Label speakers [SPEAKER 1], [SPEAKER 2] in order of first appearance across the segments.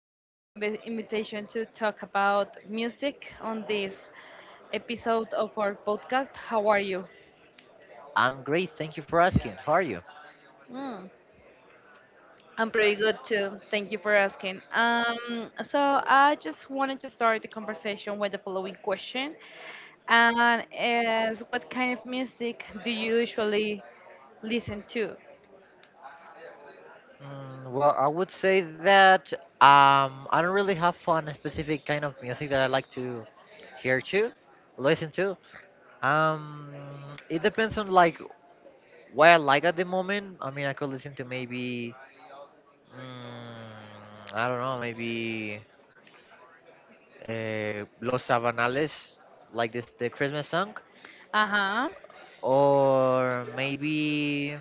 [SPEAKER 1] accepting this invitation to talk about music on this episode of our podcast. How are you?
[SPEAKER 2] I'm great. Thank you for asking. How are you?
[SPEAKER 1] Mm, I'm pretty good too. Thank you for asking. So I just wanted to start the conversation with the following question, and is what kind of music do you usually listen to?
[SPEAKER 2] Mm, well, I would say that I don't really have fun a specific kind of music that I like to hear to, listen to. Um, it depends on like what I like at the moment. I mean, I could listen to maybe I don't know, maybe Los Sabanales, like this the Christmas song,
[SPEAKER 1] Uh huh.
[SPEAKER 2] or maybe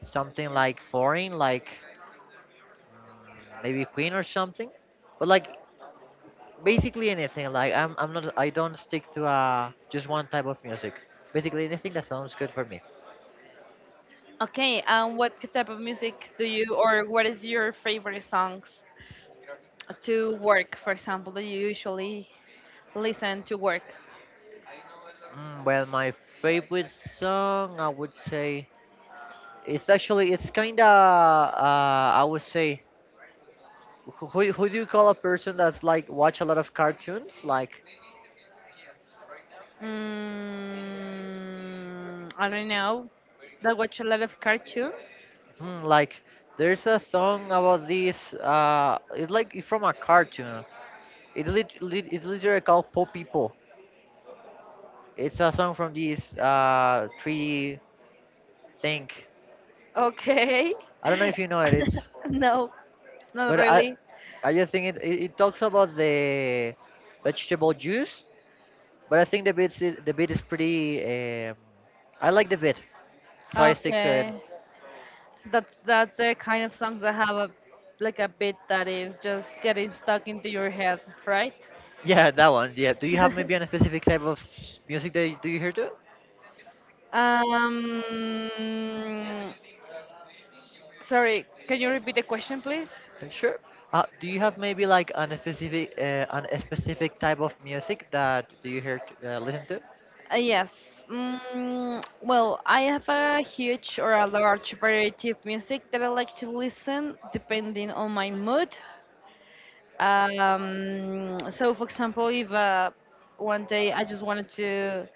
[SPEAKER 2] something like foreign, like maybe Queen or something. But like basically anything. Like I don't stick to just one type of music. Basically anything that sounds good for me.
[SPEAKER 1] Okay, and what type of music do you, or what is your favorite songs to work, for example, that you usually listen to work?
[SPEAKER 2] Well, my favorite song I would say it's actually, it's kind of I would say who do you call a person that's like watch a lot of cartoons like
[SPEAKER 1] Mm, I don't know. That watch a lot of cartoons?
[SPEAKER 2] like there's a song about this it's like from a cartoon. It it's literally called Po People. It's a song from this 3 thing.
[SPEAKER 1] Okay.
[SPEAKER 2] I don't know if you know it. It's.
[SPEAKER 1] No, not
[SPEAKER 2] But I
[SPEAKER 1] really.
[SPEAKER 2] I just think it talks about the vegetable juice. But I think the beat is pretty. I like the beat, so I stick to it.
[SPEAKER 1] Okay. That's the kind of songs that have a like a beat that is just getting stuck into your head, right?
[SPEAKER 2] Yeah, that one. Yeah. Do you have maybe a specific type of music that do you hear too?
[SPEAKER 1] Um, sorry, can you repeat the question, please?
[SPEAKER 2] Sure. Do you have maybe like an specific type of music that do you listen to?
[SPEAKER 1] Yes. Mm, well, I have a huge or a large variety of music that I like to listen depending on my mood. So, for example, if one day I just wanted to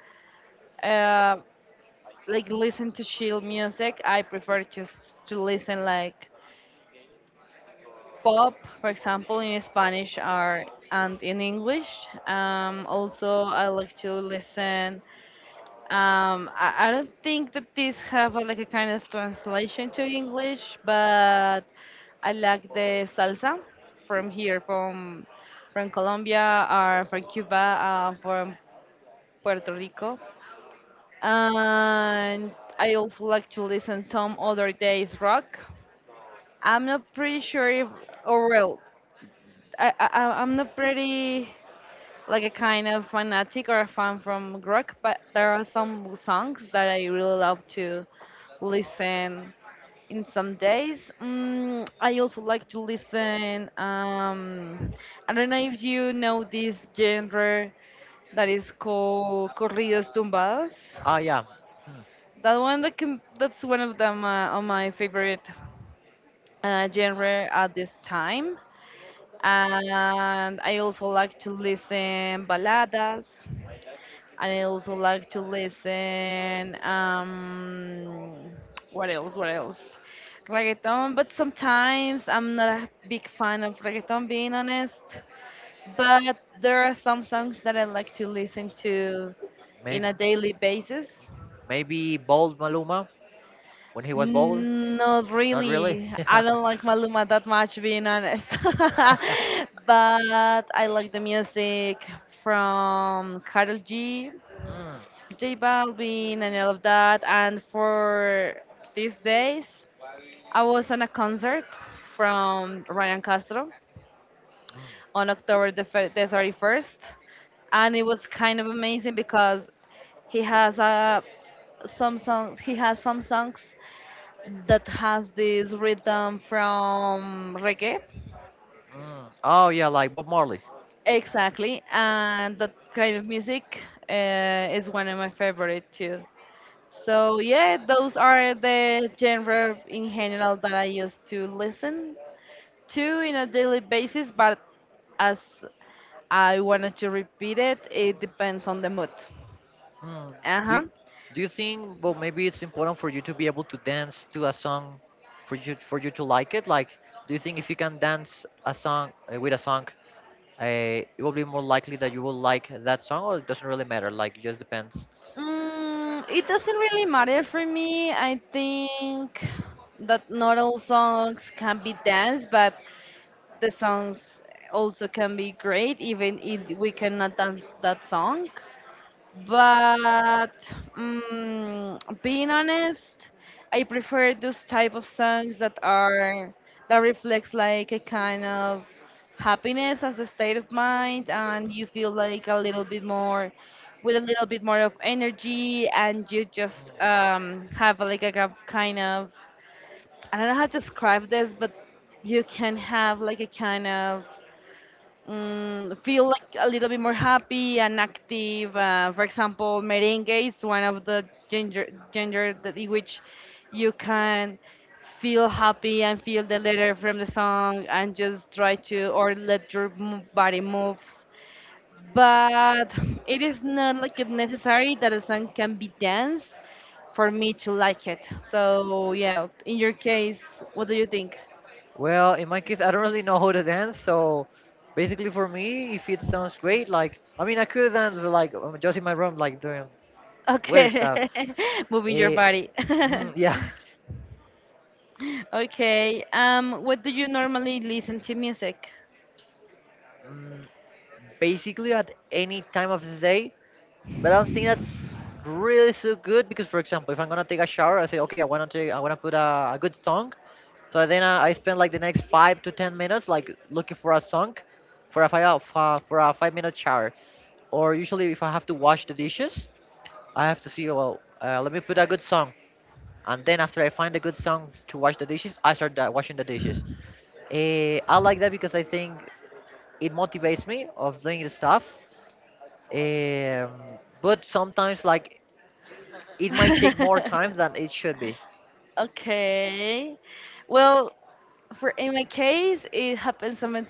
[SPEAKER 1] uh, like listen to chill music, I prefer just to listen like pop, for example, in Spanish are and in English. Also, I like to listen. I don't think that these have a, like a kind of translation to English, but I like the salsa from here, from Colombia, or from Cuba, from Puerto Rico, and I also like to listen some other days rock. I'm not pretty sure if, or well, I'm not pretty like a kind of fanatic or a fan from rock, but there are some songs that I really love to listen in some days. Mm, I also like to listen. I don't know if you know this genre that is called corridos tumbados.
[SPEAKER 2] Ah, yeah. Hmm.
[SPEAKER 1] That one that can, that's one of them on my favorite genre at this time and I also like to listen baladas, and I also like to listen what else? What else? Reggaeton, but sometimes I'm not a big fan of reggaeton, being honest. But there are some songs that I like to listen to in
[SPEAKER 2] Maybe.
[SPEAKER 1] a daily basis.
[SPEAKER 2] Maybe bald Maluma when he was bald?
[SPEAKER 1] Mm, not
[SPEAKER 2] Not really.
[SPEAKER 1] really. I don't like Maluma that much, being honest. But I like the music from Karol G,
[SPEAKER 2] Mm,
[SPEAKER 1] J Balvin, and all of that. And for these days, I was on a concert from Ryan Castro
[SPEAKER 2] mm,
[SPEAKER 1] on October the 31st, and it was kind of amazing because he has a some songs he has some songs that has this rhythm from reggae.
[SPEAKER 2] mm. Oh yeah, like Bob Marley.
[SPEAKER 1] Exactly, and that kind of music is one of my favorite too. So yeah, those are the genre in general that I used to listen to in a daily basis. But as I wanted to repeat it, it depends on the mood.
[SPEAKER 2] Mm.
[SPEAKER 1] Uh
[SPEAKER 2] Do
[SPEAKER 1] huh.
[SPEAKER 2] y- Do you think? Well, maybe it's important for you to be able to dance to a song, for you to like it. Like, do you think if you can dance a song with a song, uh, it will be more likely that you will like that song, or it doesn't really matter. Like, it just depends.
[SPEAKER 1] Mm, it doesn't really matter for me. I think that not all songs can be danced, but the songs also can be great, even if we cannot dance that song. But being honest, I prefer those type of songs that are that reflects like a kind of happiness as a state of mind, and you feel like a little bit more with a little bit more of energy, and you just have like a I don't know how to describe this, but you can have like a kind of feel like a little bit more happy and active. For example, merengue is one of the ginger that in which you can feel happy and feel the letter from the song and just try to or let your body moves. But it is not like it necessary that a song can be danced for me to like it. So yeah, in your case, what do you think?
[SPEAKER 2] Well, in my case, I don't really know how to dance, so basically for me, if it sounds great, like I mean, I could dance but, like just in my room, like doing weird
[SPEAKER 1] Okay,
[SPEAKER 2] stuff.
[SPEAKER 1] moving your
[SPEAKER 2] Eh,
[SPEAKER 1] body.
[SPEAKER 2] yeah.
[SPEAKER 1] Okay. What do you normally listen to music?
[SPEAKER 2] mm, Basically at any time of the day. But I don't think that's really so good because, for example, if I'm gonna take a shower, I say, okay, I wanna put a good song. So then I spend like the next 5 to 10 minutes like looking for a song for a 5-minute shower, or usually if I have to wash the dishes, I have to see. Well, let me put a good song, and then after I find a good song to wash the dishes, I start washing the dishes. I like that because I think it motivates me of doing the stuff. But sometimes, like, it might take more time than it should be.
[SPEAKER 1] Okay. Well, for in my case, it happens something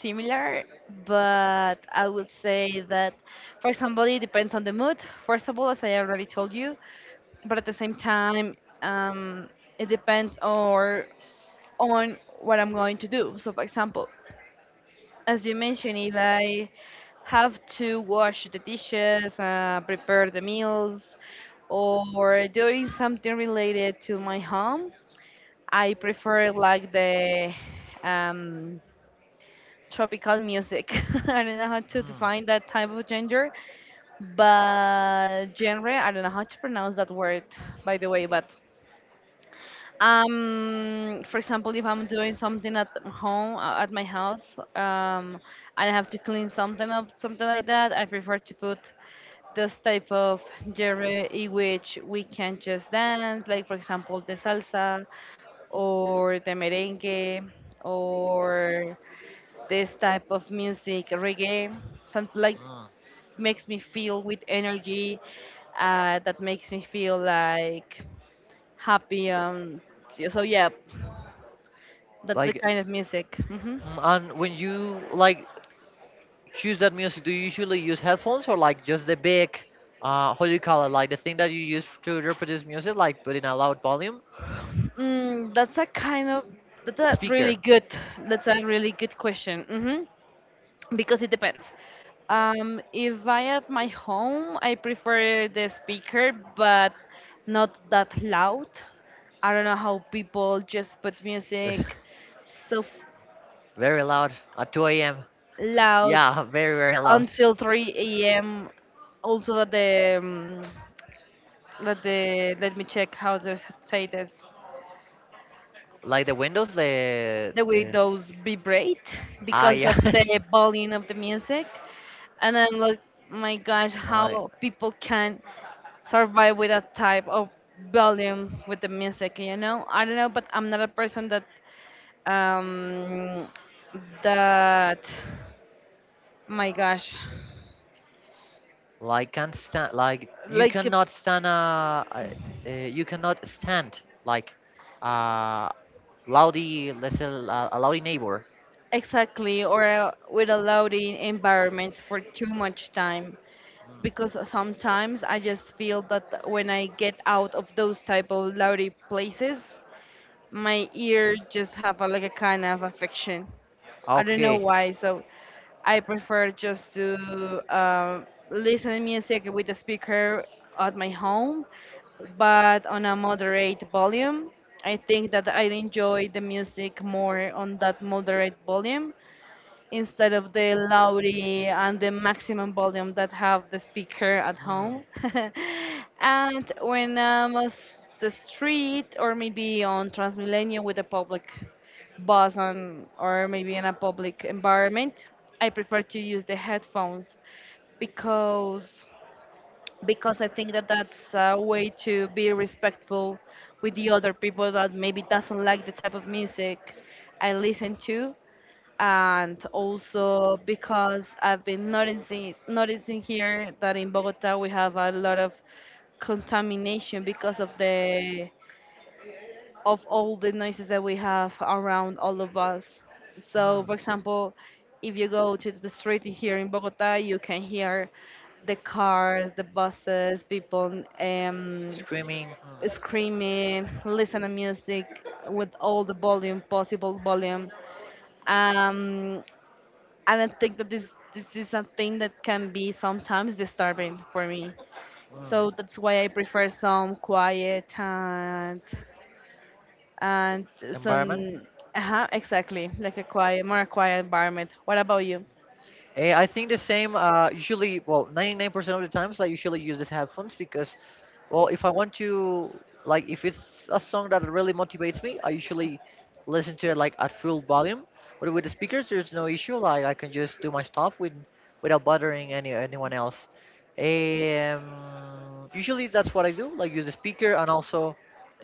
[SPEAKER 1] similar, but I would say that, for example, it depends on the mood. First of all, as I already told you, but at the same time, it depends or on what I'm going to do. So, for example, as you mentioned, if I have to wash the dishes, prepare the meals, or doing something related to my home, I prefer like the um, tropical music. I don't know how to
[SPEAKER 2] Mm,
[SPEAKER 1] define that type of genre, but genre, I don't know how to pronounce that word, by the way, but for example, if I'm doing something at home, at my house, and I have to clean something up, something like that, I prefer to put this type of genre in which we can just dance, like for example, the salsa or the merengue or this type of music, reggae, something like
[SPEAKER 2] mm.
[SPEAKER 1] makes me feel with energy, that makes me feel like happy. So, yeah, that's the
[SPEAKER 2] Like,
[SPEAKER 1] kind of music.
[SPEAKER 2] and when you like choose that music, do you usually use headphones or like just the big, how do you call it, like the thing that you use to reproduce music, like put in a loud volume
[SPEAKER 1] Mm, that's a kind of that's a
[SPEAKER 2] speaker?
[SPEAKER 1] really good that's a really good question. Because it depends. If I at my home, I prefer the speaker, but not that loud. I don't know how people just put music so
[SPEAKER 2] Very loud at 2 a.m.
[SPEAKER 1] loud
[SPEAKER 2] Yeah. Very very loud.
[SPEAKER 1] until 3 a.m. Also that the let me check how to say this.
[SPEAKER 2] Like the windows, the,
[SPEAKER 1] The way
[SPEAKER 2] the
[SPEAKER 1] those vibrate because
[SPEAKER 2] yeah.
[SPEAKER 1] of the volume of the music. And I'm like, my gosh,
[SPEAKER 2] uh,
[SPEAKER 1] how people can survive with that type of volume with the music, I don't know, but I'm not a person that, um, that, my gosh,
[SPEAKER 2] like can't stand. Like you
[SPEAKER 1] like
[SPEAKER 2] cannot stand. You cannot stand like uh loudy. Let's say a loudy neighbor.
[SPEAKER 1] exactly, or with a loud environments for too much time, because sometimes I just feel that when I get out of those type of loudy places, my ear just have a, like a kind of affection. I don't know
[SPEAKER 2] Okay.
[SPEAKER 1] why, so I prefer just to uh, listen music with the speaker at my home, but on a moderate volume. I think that I enjoy the music more on that moderate volume instead of the loud and the maximum volume that have the speaker at
[SPEAKER 2] Mm,
[SPEAKER 1] home. And when I'm on the street or maybe on Transmilenio with a public bus on, or maybe in a public environment, I prefer to use the headphones because because I think that that's a way to be respectful with the other people that maybe doesn't like the type of music I listen to and also because I've been noticing here that in Bogota we have a lot of contamination because of the of all the noises that we have around all of us. So,
[SPEAKER 2] mm.
[SPEAKER 1] for example, if you go to the street here in Bogota, you can hear the cars, the buses, people
[SPEAKER 2] Screaming.
[SPEAKER 1] screaming, listen to music with all the volume, possible volume. Um, I don't think that this is a thing that can be sometimes disturbing for me.
[SPEAKER 2] Mm, mm.
[SPEAKER 1] So that's why I prefer some quiet and
[SPEAKER 2] Environment.
[SPEAKER 1] some uh-huh, exactly like a quiet, more quiet environment. What about you?
[SPEAKER 2] I think the same. Usually, well, 99% of the times, I usually use these headphones because, well, if I want to, like, if it's a song that really motivates me, I usually listen to it like at full volume. But with the speakers, there's no issue. Like, I can just do my stuff without bothering anyone else. Um, Usually, that's what I do. Like, use the speaker, and also,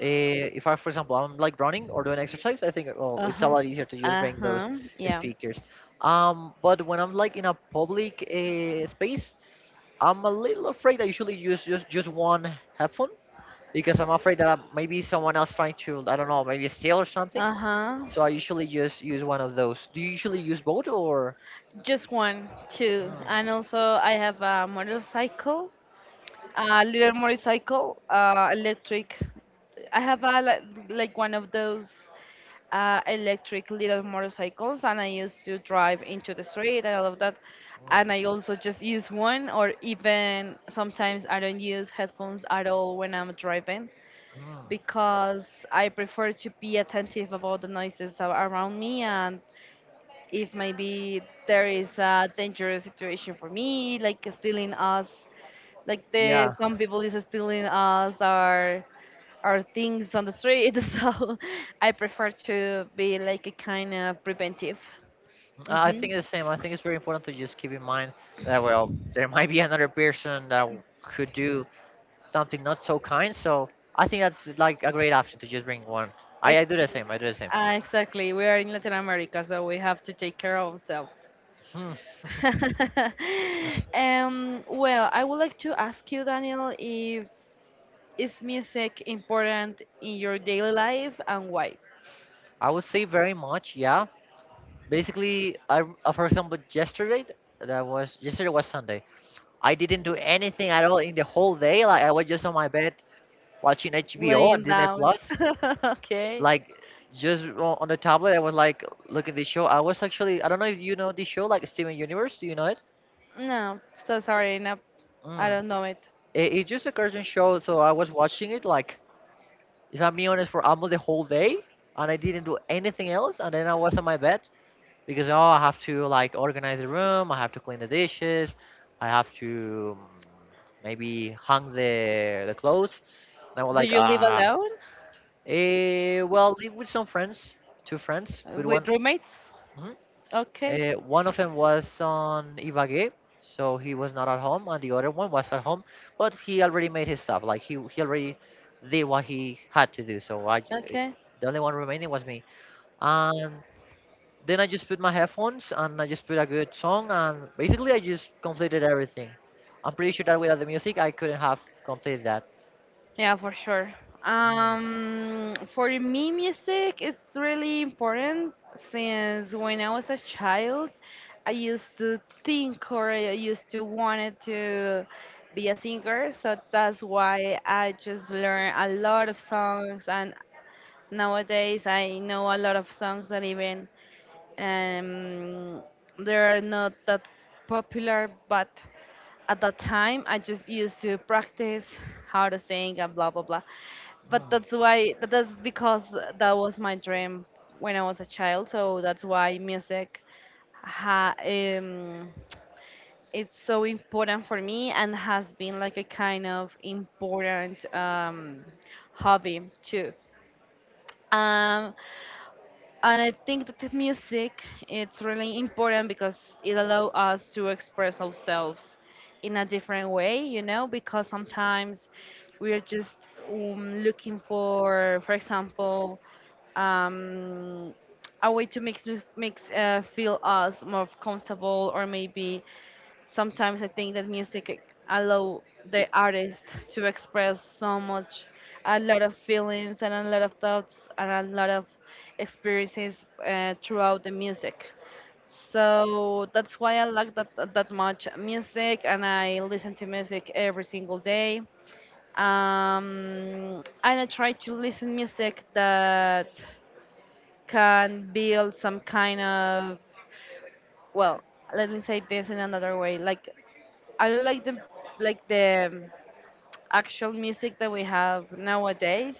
[SPEAKER 2] if I, for example, I'm like running or doing exercise, I think, oh, it's a
[SPEAKER 1] Uh-huh.
[SPEAKER 2] lot easier to just bring those
[SPEAKER 1] Uh-huh. Yeah.
[SPEAKER 2] speakers. But when I'm like in a public space, I'm a little afraid. I usually use just one headphone, because I'm afraid that I maybe someone else trying to, I don't know, maybe steal or something.
[SPEAKER 1] Uh-huh.
[SPEAKER 2] So I usually just use one of those. Do you usually use both or?
[SPEAKER 1] Just one, two.
[SPEAKER 2] Mm,
[SPEAKER 1] And also I have a motorcycle a little motorcycle, electric. I have a like one of those electric little motorcycles, and I used to drive into the street and all of that. And
[SPEAKER 2] mm,
[SPEAKER 1] I also just use one, or even sometimes I don't use headphones at all when I'm driving
[SPEAKER 2] mm.
[SPEAKER 1] because I prefer to be attentive about the noises around me and if maybe there is a dangerous situation for me, like a stealing us like the
[SPEAKER 2] Yeah,
[SPEAKER 1] some people is stealing us our things on the street so I prefer to be like a kind of preventive.
[SPEAKER 2] I
[SPEAKER 1] hmm
[SPEAKER 2] think it's the same. I think it's very important to just keep in mind that well there might be another person that could do something not so kind. So I think that's like a great option to just bring one. I,
[SPEAKER 1] Ex-
[SPEAKER 2] I do the same. I do the same.
[SPEAKER 1] exactly, we are in Latin America so we have to take care of ourselves.
[SPEAKER 2] Hmm.
[SPEAKER 1] Well, I would like to ask you, Daniel, if is music important in your daily life and why.
[SPEAKER 2] I would say very much, yeah. Basically, for example, yesterday, that was yesterday was Sunday. I didn't do anything at all in the whole day. Like I was just on my bed watching HBO and
[SPEAKER 1] Laying
[SPEAKER 2] Disney
[SPEAKER 1] down.
[SPEAKER 2] Plus.
[SPEAKER 1] Okay.
[SPEAKER 2] Like just on the tablet, I was like looking at the show. I was actually, I don't know if you know this show, like Steven Universe. Do you know it?
[SPEAKER 1] No, so sorry. No, I
[SPEAKER 2] Mm.
[SPEAKER 1] don't know it.
[SPEAKER 2] It's just a cartoon show, so I was watching it. Like if I'm being honest, for almost the whole day, and I didn't do anything else. And then I was on my bed because oh, I have to like organize the room, I have to clean the dishes, I have to maybe hang the clothes. And I was
[SPEAKER 1] Do
[SPEAKER 2] like,
[SPEAKER 1] you live alone?
[SPEAKER 2] well, live with some friends, two friends, with
[SPEAKER 1] With
[SPEAKER 2] one.
[SPEAKER 1] roommates?
[SPEAKER 2] Mhm.
[SPEAKER 1] Okay.
[SPEAKER 2] One of them was on Ibagué, so he was not at home, and the other one was at home, but he already made his stuff. Like he already did what he had to do. So
[SPEAKER 1] Okay.
[SPEAKER 2] the only one remaining was me. And then I just put my headphones and I just put a good song, and basically I just completed everything. I'm pretty sure that without the music I couldn't have completed that.
[SPEAKER 1] Yeah, for sure.
[SPEAKER 2] Mm,
[SPEAKER 1] For me, music is really important since when I was a child. I used to think, or I used to wanted to be a singer, so that's why I just learn a lot of songs, and nowadays I know a lot of songs that even um, they are not that popular. But at that time I just used to practice how to sing and blah blah blah, but
[SPEAKER 2] mm,
[SPEAKER 1] that's why but that's because that was my dream when I was a child, so that's why music ha, um, it's so important for me and has been like a kind of important hobby too. um, and I think that the music it's really important because it allows us to express ourselves in a different way, you know, because sometimes we are just looking for example, um, a way to make, makes feel us more comfortable, or maybe sometimes I think that music allow the artist to express so much, a lot of feelings and a lot of thoughts and a lot of experiences throughout the music. So that's why I like that much music, and I listen to music every single day. And I try to listen music that can build some kind of, well, let me say this in another way, like I don't like the, like the um, actual music that we have nowadays,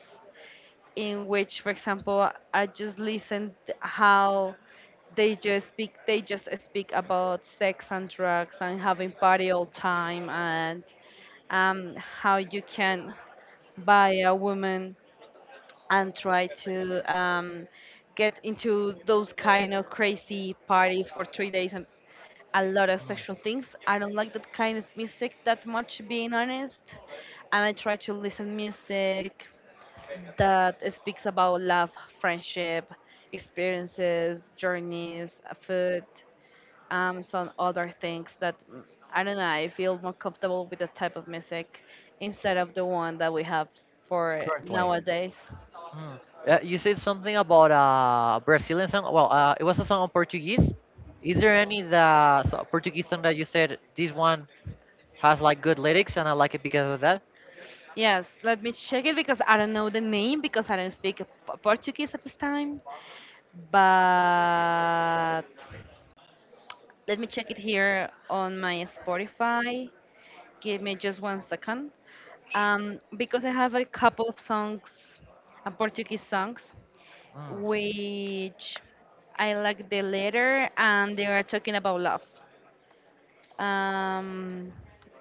[SPEAKER 1] in which, for example, I just listened how they just speak about sex and drugs and having party all time, and how you can buy a woman and try to get into those kind of crazy parties for 3 days and a lot of
[SPEAKER 2] mm.
[SPEAKER 1] sexual things. I don't like that kind of music that much, being honest. And I try to listen music that speaks about love, friendship, experiences, journeys, food, some other things that I don't know. I feel more comfortable with the type of music instead of the one that we have for
[SPEAKER 2] Currently.
[SPEAKER 1] nowadays.
[SPEAKER 2] Mm. You said something about a Brazilian song. Well, it was a song on Portuguese. Is there any Portuguese song that you said this one has like good lyrics and I like it because of that?
[SPEAKER 1] Yes, let me check it because I don't know the name, because I don't speak Portuguese at this time. But let me check it here on my Spotify. Give me just 1 second. Because I have a couple of songs, Portuguese songs,
[SPEAKER 2] Mm.
[SPEAKER 1] which I like the letter and they are talking about love. Um,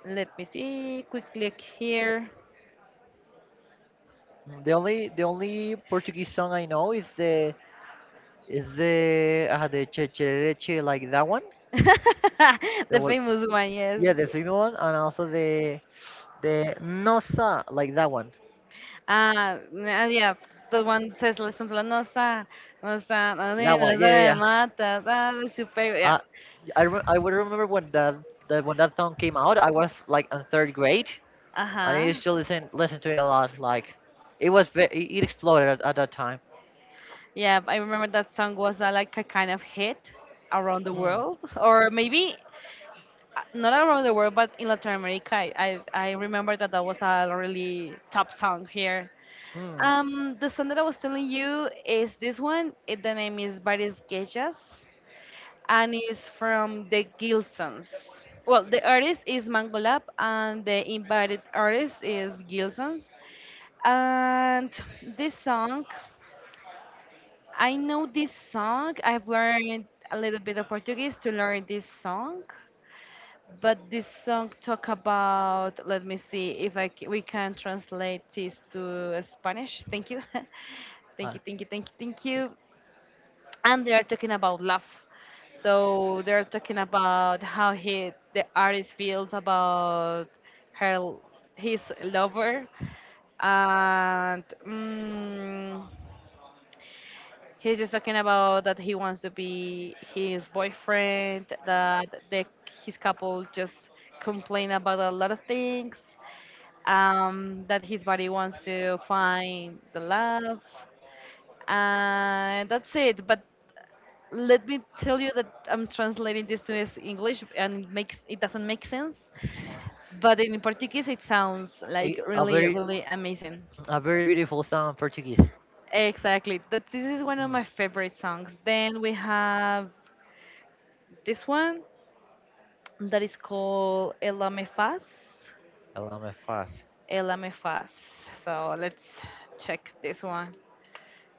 [SPEAKER 1] Let me see quickly here.
[SPEAKER 2] The only Portuguese song I know is the che che che, like that one. There
[SPEAKER 1] The
[SPEAKER 2] was.
[SPEAKER 1] famous one, yes.
[SPEAKER 2] Yeah, the female one, and also the Nosa, like that one.
[SPEAKER 1] Yeah, the one says, listen to la nossa, nossa, la
[SPEAKER 2] That one.
[SPEAKER 1] nena,
[SPEAKER 2] Yeah, yeah,
[SPEAKER 1] da
[SPEAKER 2] yeah.
[SPEAKER 1] mata, da da, super, yeah.
[SPEAKER 2] Uh, I would remember when that song came out. I was like in third grade, and I
[SPEAKER 1] Uh-huh.
[SPEAKER 2] used to listen to it a lot. Like, it was ve it it exploded at that time.
[SPEAKER 1] Yeah, I remember that song was like a kind of hit around the
[SPEAKER 2] Hmm.
[SPEAKER 1] world, or maybe not around the world, but in Latin America. I remember that that was a really top song here.
[SPEAKER 2] Hmm.
[SPEAKER 1] The song that I was telling you is this one. It, the name is "Bares Gejas," and it's from the Gilsons. Well, the artist is Mangolab, and the invited artist is Gilsons. And this song, I know this song. I've learned a little bit of Portuguese to learn this song, but this song talk about, let me see if I we can translate this to Spanish. Thank you, thank
[SPEAKER 2] Uh,
[SPEAKER 1] you, thank you, thank you, thank
[SPEAKER 2] a
[SPEAKER 1] you, and they are talking about love. So they're talking about how he, the artist, feels about her, his lover, and mm, he's just talking about that he wants to be his boyfriend, that the, his couple just complain about a lot of things, that his body wants to find the love, and that's it. But let me tell you that I'm translating this to is English and it makes it doesn't make sense, but in Portuguese it sounds like
[SPEAKER 2] a
[SPEAKER 1] really
[SPEAKER 2] very
[SPEAKER 1] really amazing.
[SPEAKER 2] a very beautiful song in Portuguese.
[SPEAKER 1] Exactly. That this is one of
[SPEAKER 2] Hmm.
[SPEAKER 1] my favorite songs. Then we have this one that is called Ela Me Faz.
[SPEAKER 2] Ela me faz.
[SPEAKER 1] Ela Me Faz. So let's check this one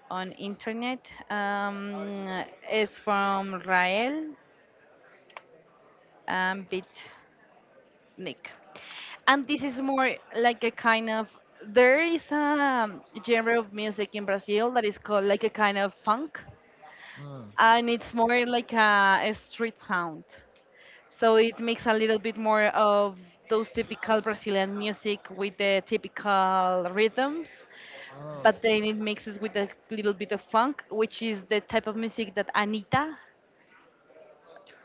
[SPEAKER 1] on internet. It's from Rael and Beat. Nick. And this is more like a kind of, there is a genre of music in Brazil that is called like a kind of funk,
[SPEAKER 2] Hmm.
[SPEAKER 1] and it's more like a street sound. So it makes a little bit more of those typical Brazilian music with the typical rhythms,
[SPEAKER 2] Hmm.
[SPEAKER 1] but then it mixes with a little bit of funk, which is the type of music that Anita,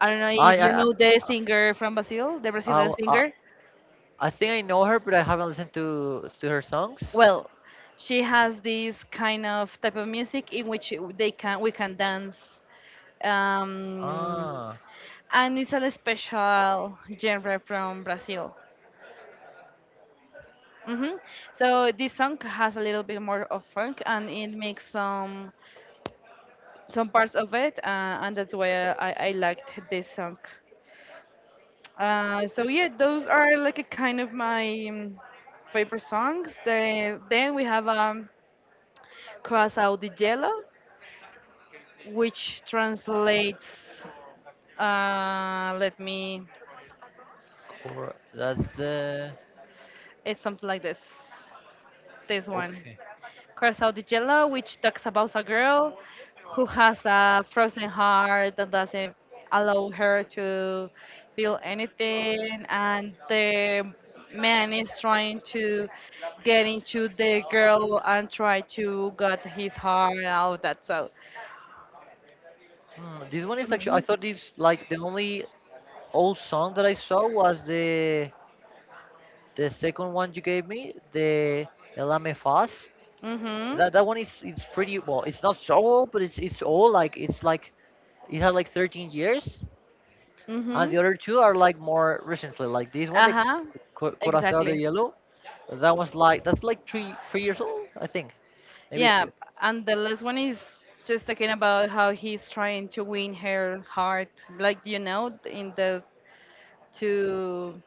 [SPEAKER 1] I don't know if
[SPEAKER 2] I
[SPEAKER 1] you
[SPEAKER 2] I
[SPEAKER 1] know the singer from Brazil, the Brazilian
[SPEAKER 2] I, I,
[SPEAKER 1] singer.
[SPEAKER 2] I think I know her, but I haven't listened to her songs.
[SPEAKER 1] Well, she has this kind of type of music in which they can we can dance um,
[SPEAKER 2] Ah,
[SPEAKER 1] and it's a special genre from Brazil. Hmm. So this song has a little bit more of funk, and it makes some parts of it, and that's why I liked this song. So yeah, those are like a kind of my favorite songs. The, then we have Coração de Gelo, which translates, let me,
[SPEAKER 2] Cora. That's the
[SPEAKER 1] it's something like this one,
[SPEAKER 2] Okay.
[SPEAKER 1] Curacao de Jello, which talks about a girl who has a frozen heart that doesn't allow her to feel anything, and the man is trying to get into the girl and try to get his heart and all that. So
[SPEAKER 2] This one is actually. I
[SPEAKER 1] mhm.
[SPEAKER 2] thought this like the only old song that I saw was the second one you gave me, the Elame Faz.
[SPEAKER 1] Mhm.
[SPEAKER 2] That one is it's pretty well. It's not so old, but it's old. Like it's like it had like 13 years, and the
[SPEAKER 1] Mhm.
[SPEAKER 2] other two are like more recently. Like this one, the
[SPEAKER 1] uh-huh
[SPEAKER 2] Corazón de
[SPEAKER 1] exactly.
[SPEAKER 2] Hielo. That's like three three years old, I think, maybe
[SPEAKER 1] Yeah,
[SPEAKER 2] two.
[SPEAKER 1] and the last one is just talking about how he's trying to win her heart, like you know, in the to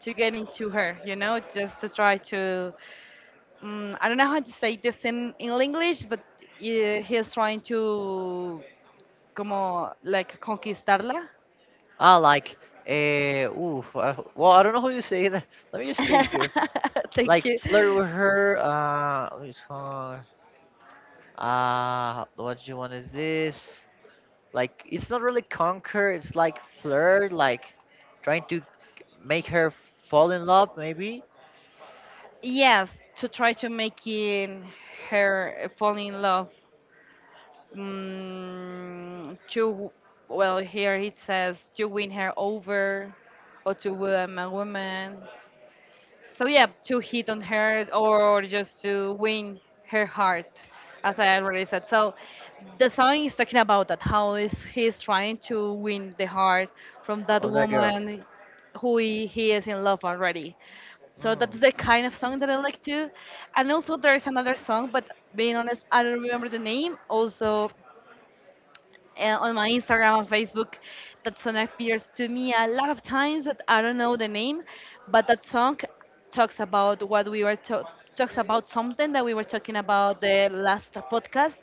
[SPEAKER 1] to get into her, you know, just to try to. I don't know how to say this in English, but he's trying to como like conquistarla.
[SPEAKER 2] Ah, like, oof. Well, I don't know how you say that. Let me just check here.
[SPEAKER 1] Thank
[SPEAKER 2] Like,
[SPEAKER 1] you.
[SPEAKER 2] flirt with her. What is called? What you want is this? Like, it's not really conquer. It's like flirt. Like, trying to make her fall in love, maybe.
[SPEAKER 1] Yes, to try to make in her fall in love. Mm, to, well, here it says to win her over, or to win a woman. So yeah, to hit on her or just to win her heart, as I already said. So the song is talking about that how is he's trying to win the heart from that
[SPEAKER 2] Of that girl.
[SPEAKER 1] woman who he is in love already. So
[SPEAKER 2] Wow.
[SPEAKER 1] that's the kind of song that I like to. And also there's another song, but being honest, I don't remember the name. Also, on my Instagram and Facebook. That song appears to me a lot of times, but I don't know the name. But that song talks about what we were to- talks about something that we were talking about the last podcast,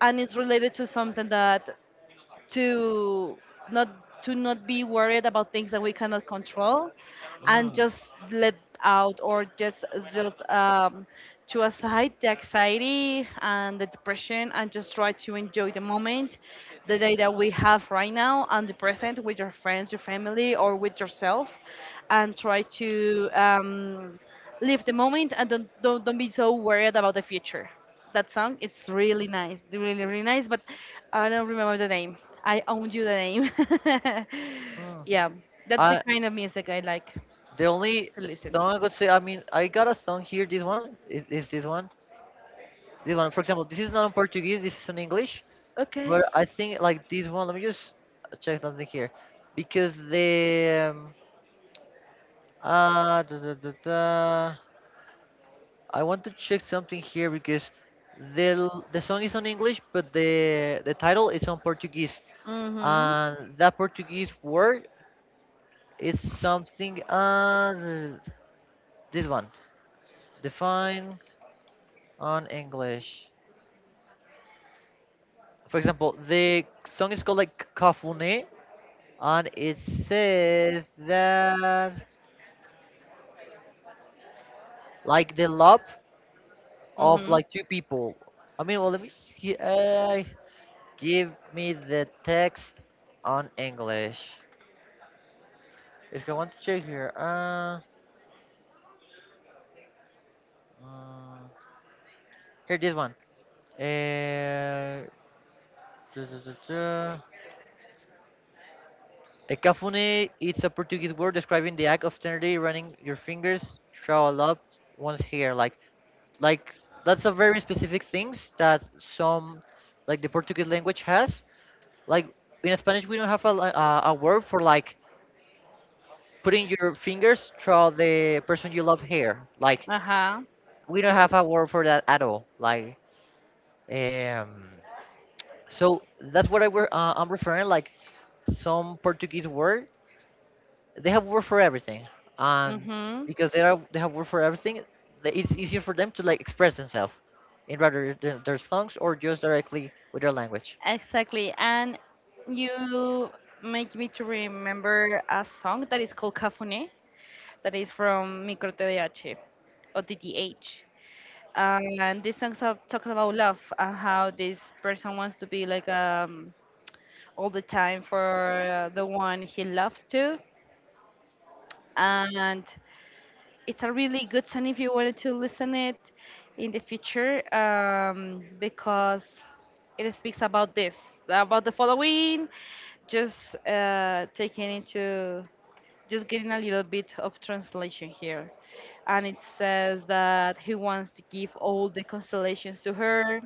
[SPEAKER 1] and it's related to something that to not, to not be worried about things that we cannot control, and
[SPEAKER 2] Wow.
[SPEAKER 1] just let out, or just just um, to aside the anxiety and the depression and just try to enjoy the moment, the day that we have right now, and the present with your friends, your family, or with yourself, and try to live the moment and don't be so worried about the future. That song, it's really nice, really really nice. But I don't remember the name. I owned you the name.
[SPEAKER 2] Wow.
[SPEAKER 1] Yeah, that's the
[SPEAKER 2] Uh,
[SPEAKER 1] kind of music I like
[SPEAKER 2] the only
[SPEAKER 1] to listen.
[SPEAKER 2] song I could say, I mean, I got a song here. This one is this one. This one, for example, this is not in Portuguese. This is in English.
[SPEAKER 1] Okay.
[SPEAKER 2] But I think like this one. Let me just check something here, because the da, da, da, da. I want to check something here because the song is on English, but the title is on Portuguese,
[SPEAKER 1] Mhm.
[SPEAKER 2] and that Portuguese word is something on this one. Define on English. For example, the song is called like Kafune, and it says that like the love of
[SPEAKER 1] Mhm.
[SPEAKER 2] like two people. I mean, well, let me see. Give me the text on English. If I want to check here, uh here this one. Uh, Duh, duh, duh, duh. A cafune, it's a Portuguese word describing the act of tenderly running your fingers through up one's hair. Like that's a very specific things that some, like the Portuguese language has. Like in Spanish, we don't have a word for like putting your fingers through the person you love hair. Like
[SPEAKER 1] Uh huh.
[SPEAKER 2] we don't have a word for that at all. Um. So that's what I were I'm referring. Like some Portuguese word, they have word for everything, and
[SPEAKER 1] Mhm.
[SPEAKER 2] because they have word for everything, it's easier for them to like express themselves in rather than their songs or just directly with their language.
[SPEAKER 1] Exactly. And you make me to remember a song that is called Cafune, that is from Micro TDH or TTH, and this song talks about love and how this person wants to be like all the time for the one he loves to, and it's a really good song if you wanted to listen it in the future, because it speaks about this, about the following, just taking into, just getting a little bit of translation here, and it says that he wants to give all the constellations to her,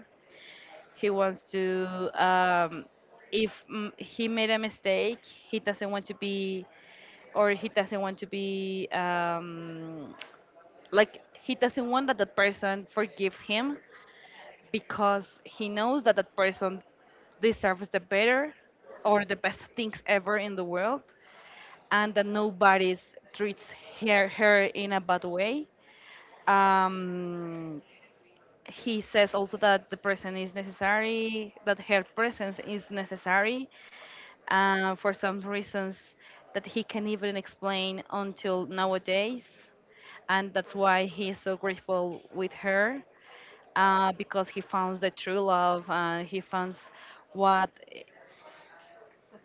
[SPEAKER 1] he wants to um, if mm, he made a mistake, he doesn't want to be, or he doesn't want to be like he doesn't want that the person forgives him, because he knows that that person deserves the better or the best things ever in the world, and that nobody treats her in a bad way, um, he says also that the person is necessary, that her presence is necessary for some reasons that he can even explain until nowadays, and that's why he is so grateful with her, because he found the true love. He found what,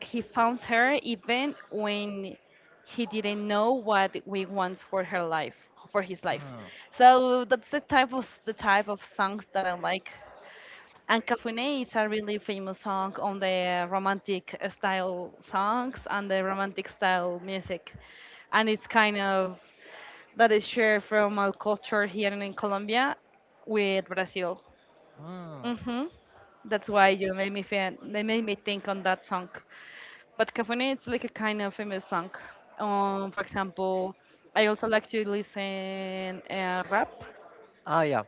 [SPEAKER 1] he found her even when he didn't know what we want for her life, for his life.
[SPEAKER 2] Mm,
[SPEAKER 1] So that's the type of songs that I like. And Cafune is a really famous song on the romantic style songs and the romantic style music. And it's kind of that is shared from our culture here in Colombia with Brazil.
[SPEAKER 2] mm.
[SPEAKER 1] Mm-hmm. That's why you made me fan. They made me think on that song. But Cafone, it's like a kind of famous song. For example, I also like to listen rap
[SPEAKER 2] Oh yeah,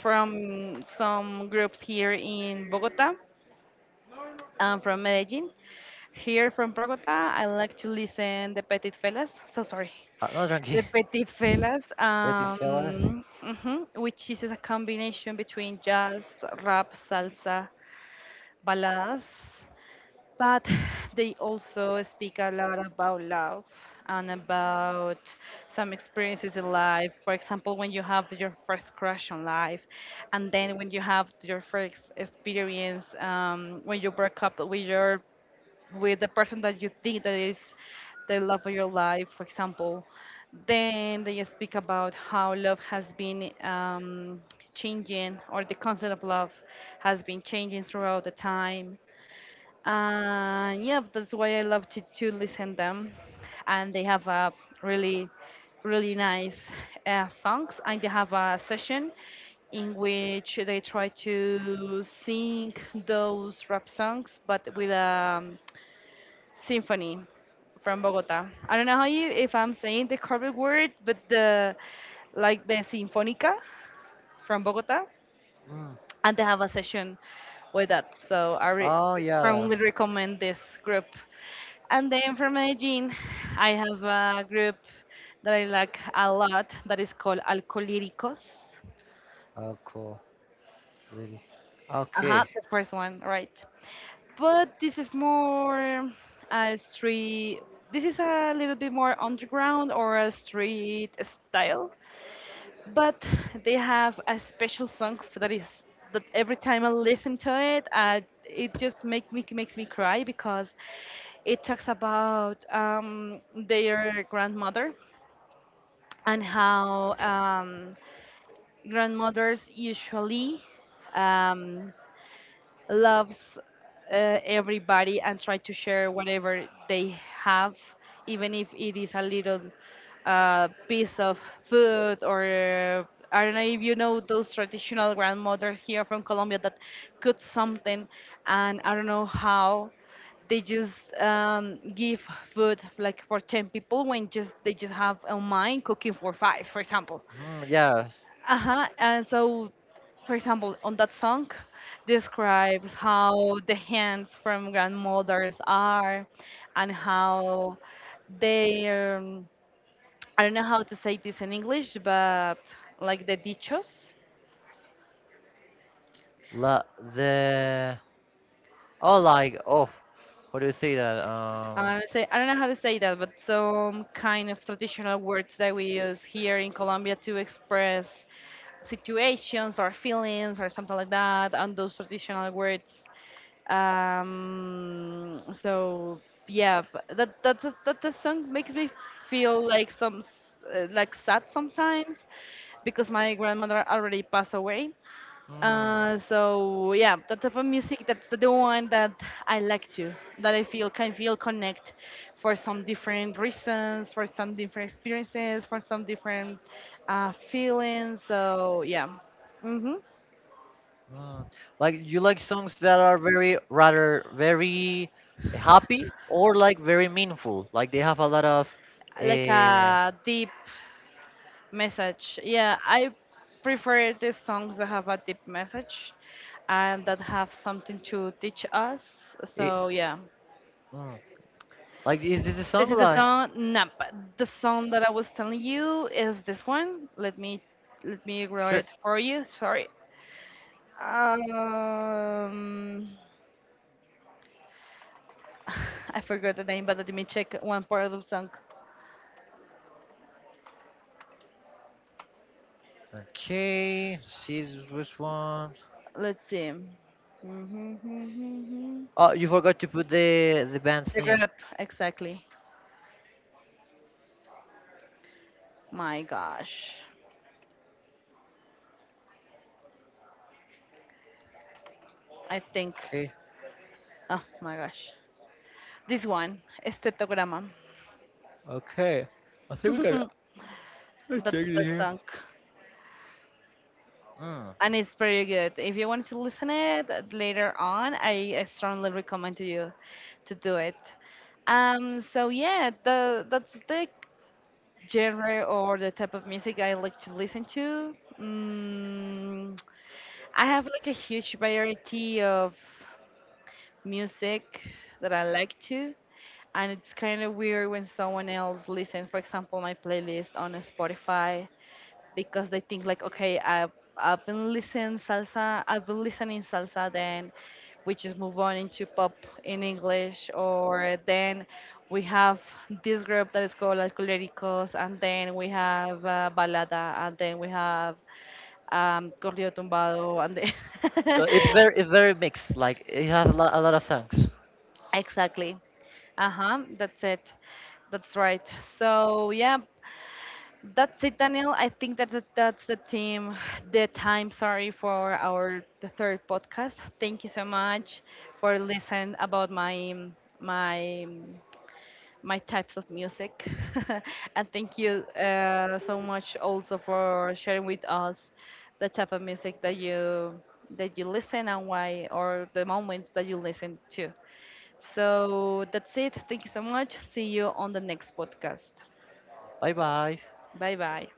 [SPEAKER 1] from some groups here in Bogota. I'm from Medellin. Here from Bogota, I like to listen the Petit Fellas. So sorry,
[SPEAKER 2] no drunky.
[SPEAKER 1] the Petit Fellas,
[SPEAKER 2] Betty fellas.
[SPEAKER 1] which is a combination between jazz, rap, salsa, baladas, but they also speak a lot about love and about some experiences in life. For example, when you have your first crush on life, and then when you have your first experience, when you break up with your with the person that you think that is the love of your life, for example, then they speak about how love has been changing, or the concept of love has been changing throughout the time. Yeah, that's why I love to listen them, and they have a really, really nice songs, and they have a session in which they try to sing those rap songs, but with a um, symphony from Bogota. I don't know how you if I'm saying the correct word, but the like the sinfónica from Bogota,
[SPEAKER 2] Mm.
[SPEAKER 1] and they have a session with that. So I
[SPEAKER 2] Oh yeah,
[SPEAKER 1] strongly recommend this group. And then from Medellin, I have a group that I like a lot that is called Alcolíricos.
[SPEAKER 2] alcohol lady. Okay.
[SPEAKER 1] Uh-huh, the first one, right. But this is more a street, this is a little bit more underground or a street style. But they have a special song that every time I listen to it, it just makes me cry because it talks about their grandmother and how grandmothers usually um, loves everybody and try to share whatever they have, even if it is a little piece of food or I don't know if you know those traditional grandmothers here from Colombia that cook something, and I don't know how they just give food like for 10 people when just they just have a mind cooking for five, for example.
[SPEAKER 2] Mm, yeah,
[SPEAKER 1] Uh-huh. And so, for example, on that song describes how the hands from grandmothers are and how they I don't know how to say this in English, but like the dichos.
[SPEAKER 2] la the oh, like oh, what do you say that?
[SPEAKER 1] Say I don't know how to say that, but some kind of traditional words that we use here in Colombia to express situations or feelings or something like that, and those traditional words. So yeah, but that the song makes me feel like like sad sometimes because my grandmother already passed away,
[SPEAKER 2] Mm,
[SPEAKER 1] so yeah, that type of music, that's the one that I like to, that I feel can feel connect for some different reasons, for some different experiences, for some different feelings. So yeah, mm-hmm.
[SPEAKER 2] mm. Like you like songs that are very rather very happy or like very meaningful. Like they have a lot of uh,
[SPEAKER 1] Like a deep message. Yeah, I prefer the songs that have a deep message and that have something to teach us.
[SPEAKER 2] it,
[SPEAKER 1] So yeah.
[SPEAKER 2] mm. Like, is this a
[SPEAKER 1] This
[SPEAKER 2] song
[SPEAKER 1] is the
[SPEAKER 2] like
[SPEAKER 1] song Nap. The song that I was telling you is this one. Let me write
[SPEAKER 2] sure?
[SPEAKER 1] it for you. Sorry. Um, I forgot the name, but let me check one part of the song.
[SPEAKER 2] Okay, see this was one.
[SPEAKER 1] Let's see.
[SPEAKER 2] Oh, you forgot to put the band's
[SPEAKER 1] The
[SPEAKER 2] name.
[SPEAKER 1] group, exactly. My gosh. I think.
[SPEAKER 2] Okay,
[SPEAKER 1] Oh my gosh. This one, Estetograma.
[SPEAKER 2] okay. I think we gotta let's
[SPEAKER 1] That's
[SPEAKER 2] check it
[SPEAKER 1] the
[SPEAKER 2] here.
[SPEAKER 1] song. And it's pretty good. If you want to listen it later on, I strongly recommend to you to do it. So yeah, the that's the genre or the type of music I like to listen to. Mm, I have like a huge variety of music that I like to, and it's kind of weird when someone else listens, for example, my playlist on Spotify because they think like, okay, I've been listening salsa, I've been listening salsa, then we just move on into pop in English, or then we have this group that is called Alcohólicos, and then we have Balada, and then we have Corrido Tumbado, and then
[SPEAKER 2] It's very mixed. Like it has a lot of songs.
[SPEAKER 1] exactly. Uh-huh, that's it. That's right. So yeah, that's it, Daniel. I think that's the time. Sorry for our the third podcast. Thank you so much for listening about my um, my types of music, and thank you so much also for sharing with us the type of music that you listen and why, or the moments that you listen to. So that's it. Thank you so much. See you on the next podcast.
[SPEAKER 2] Bye bye.
[SPEAKER 1] Bye bye.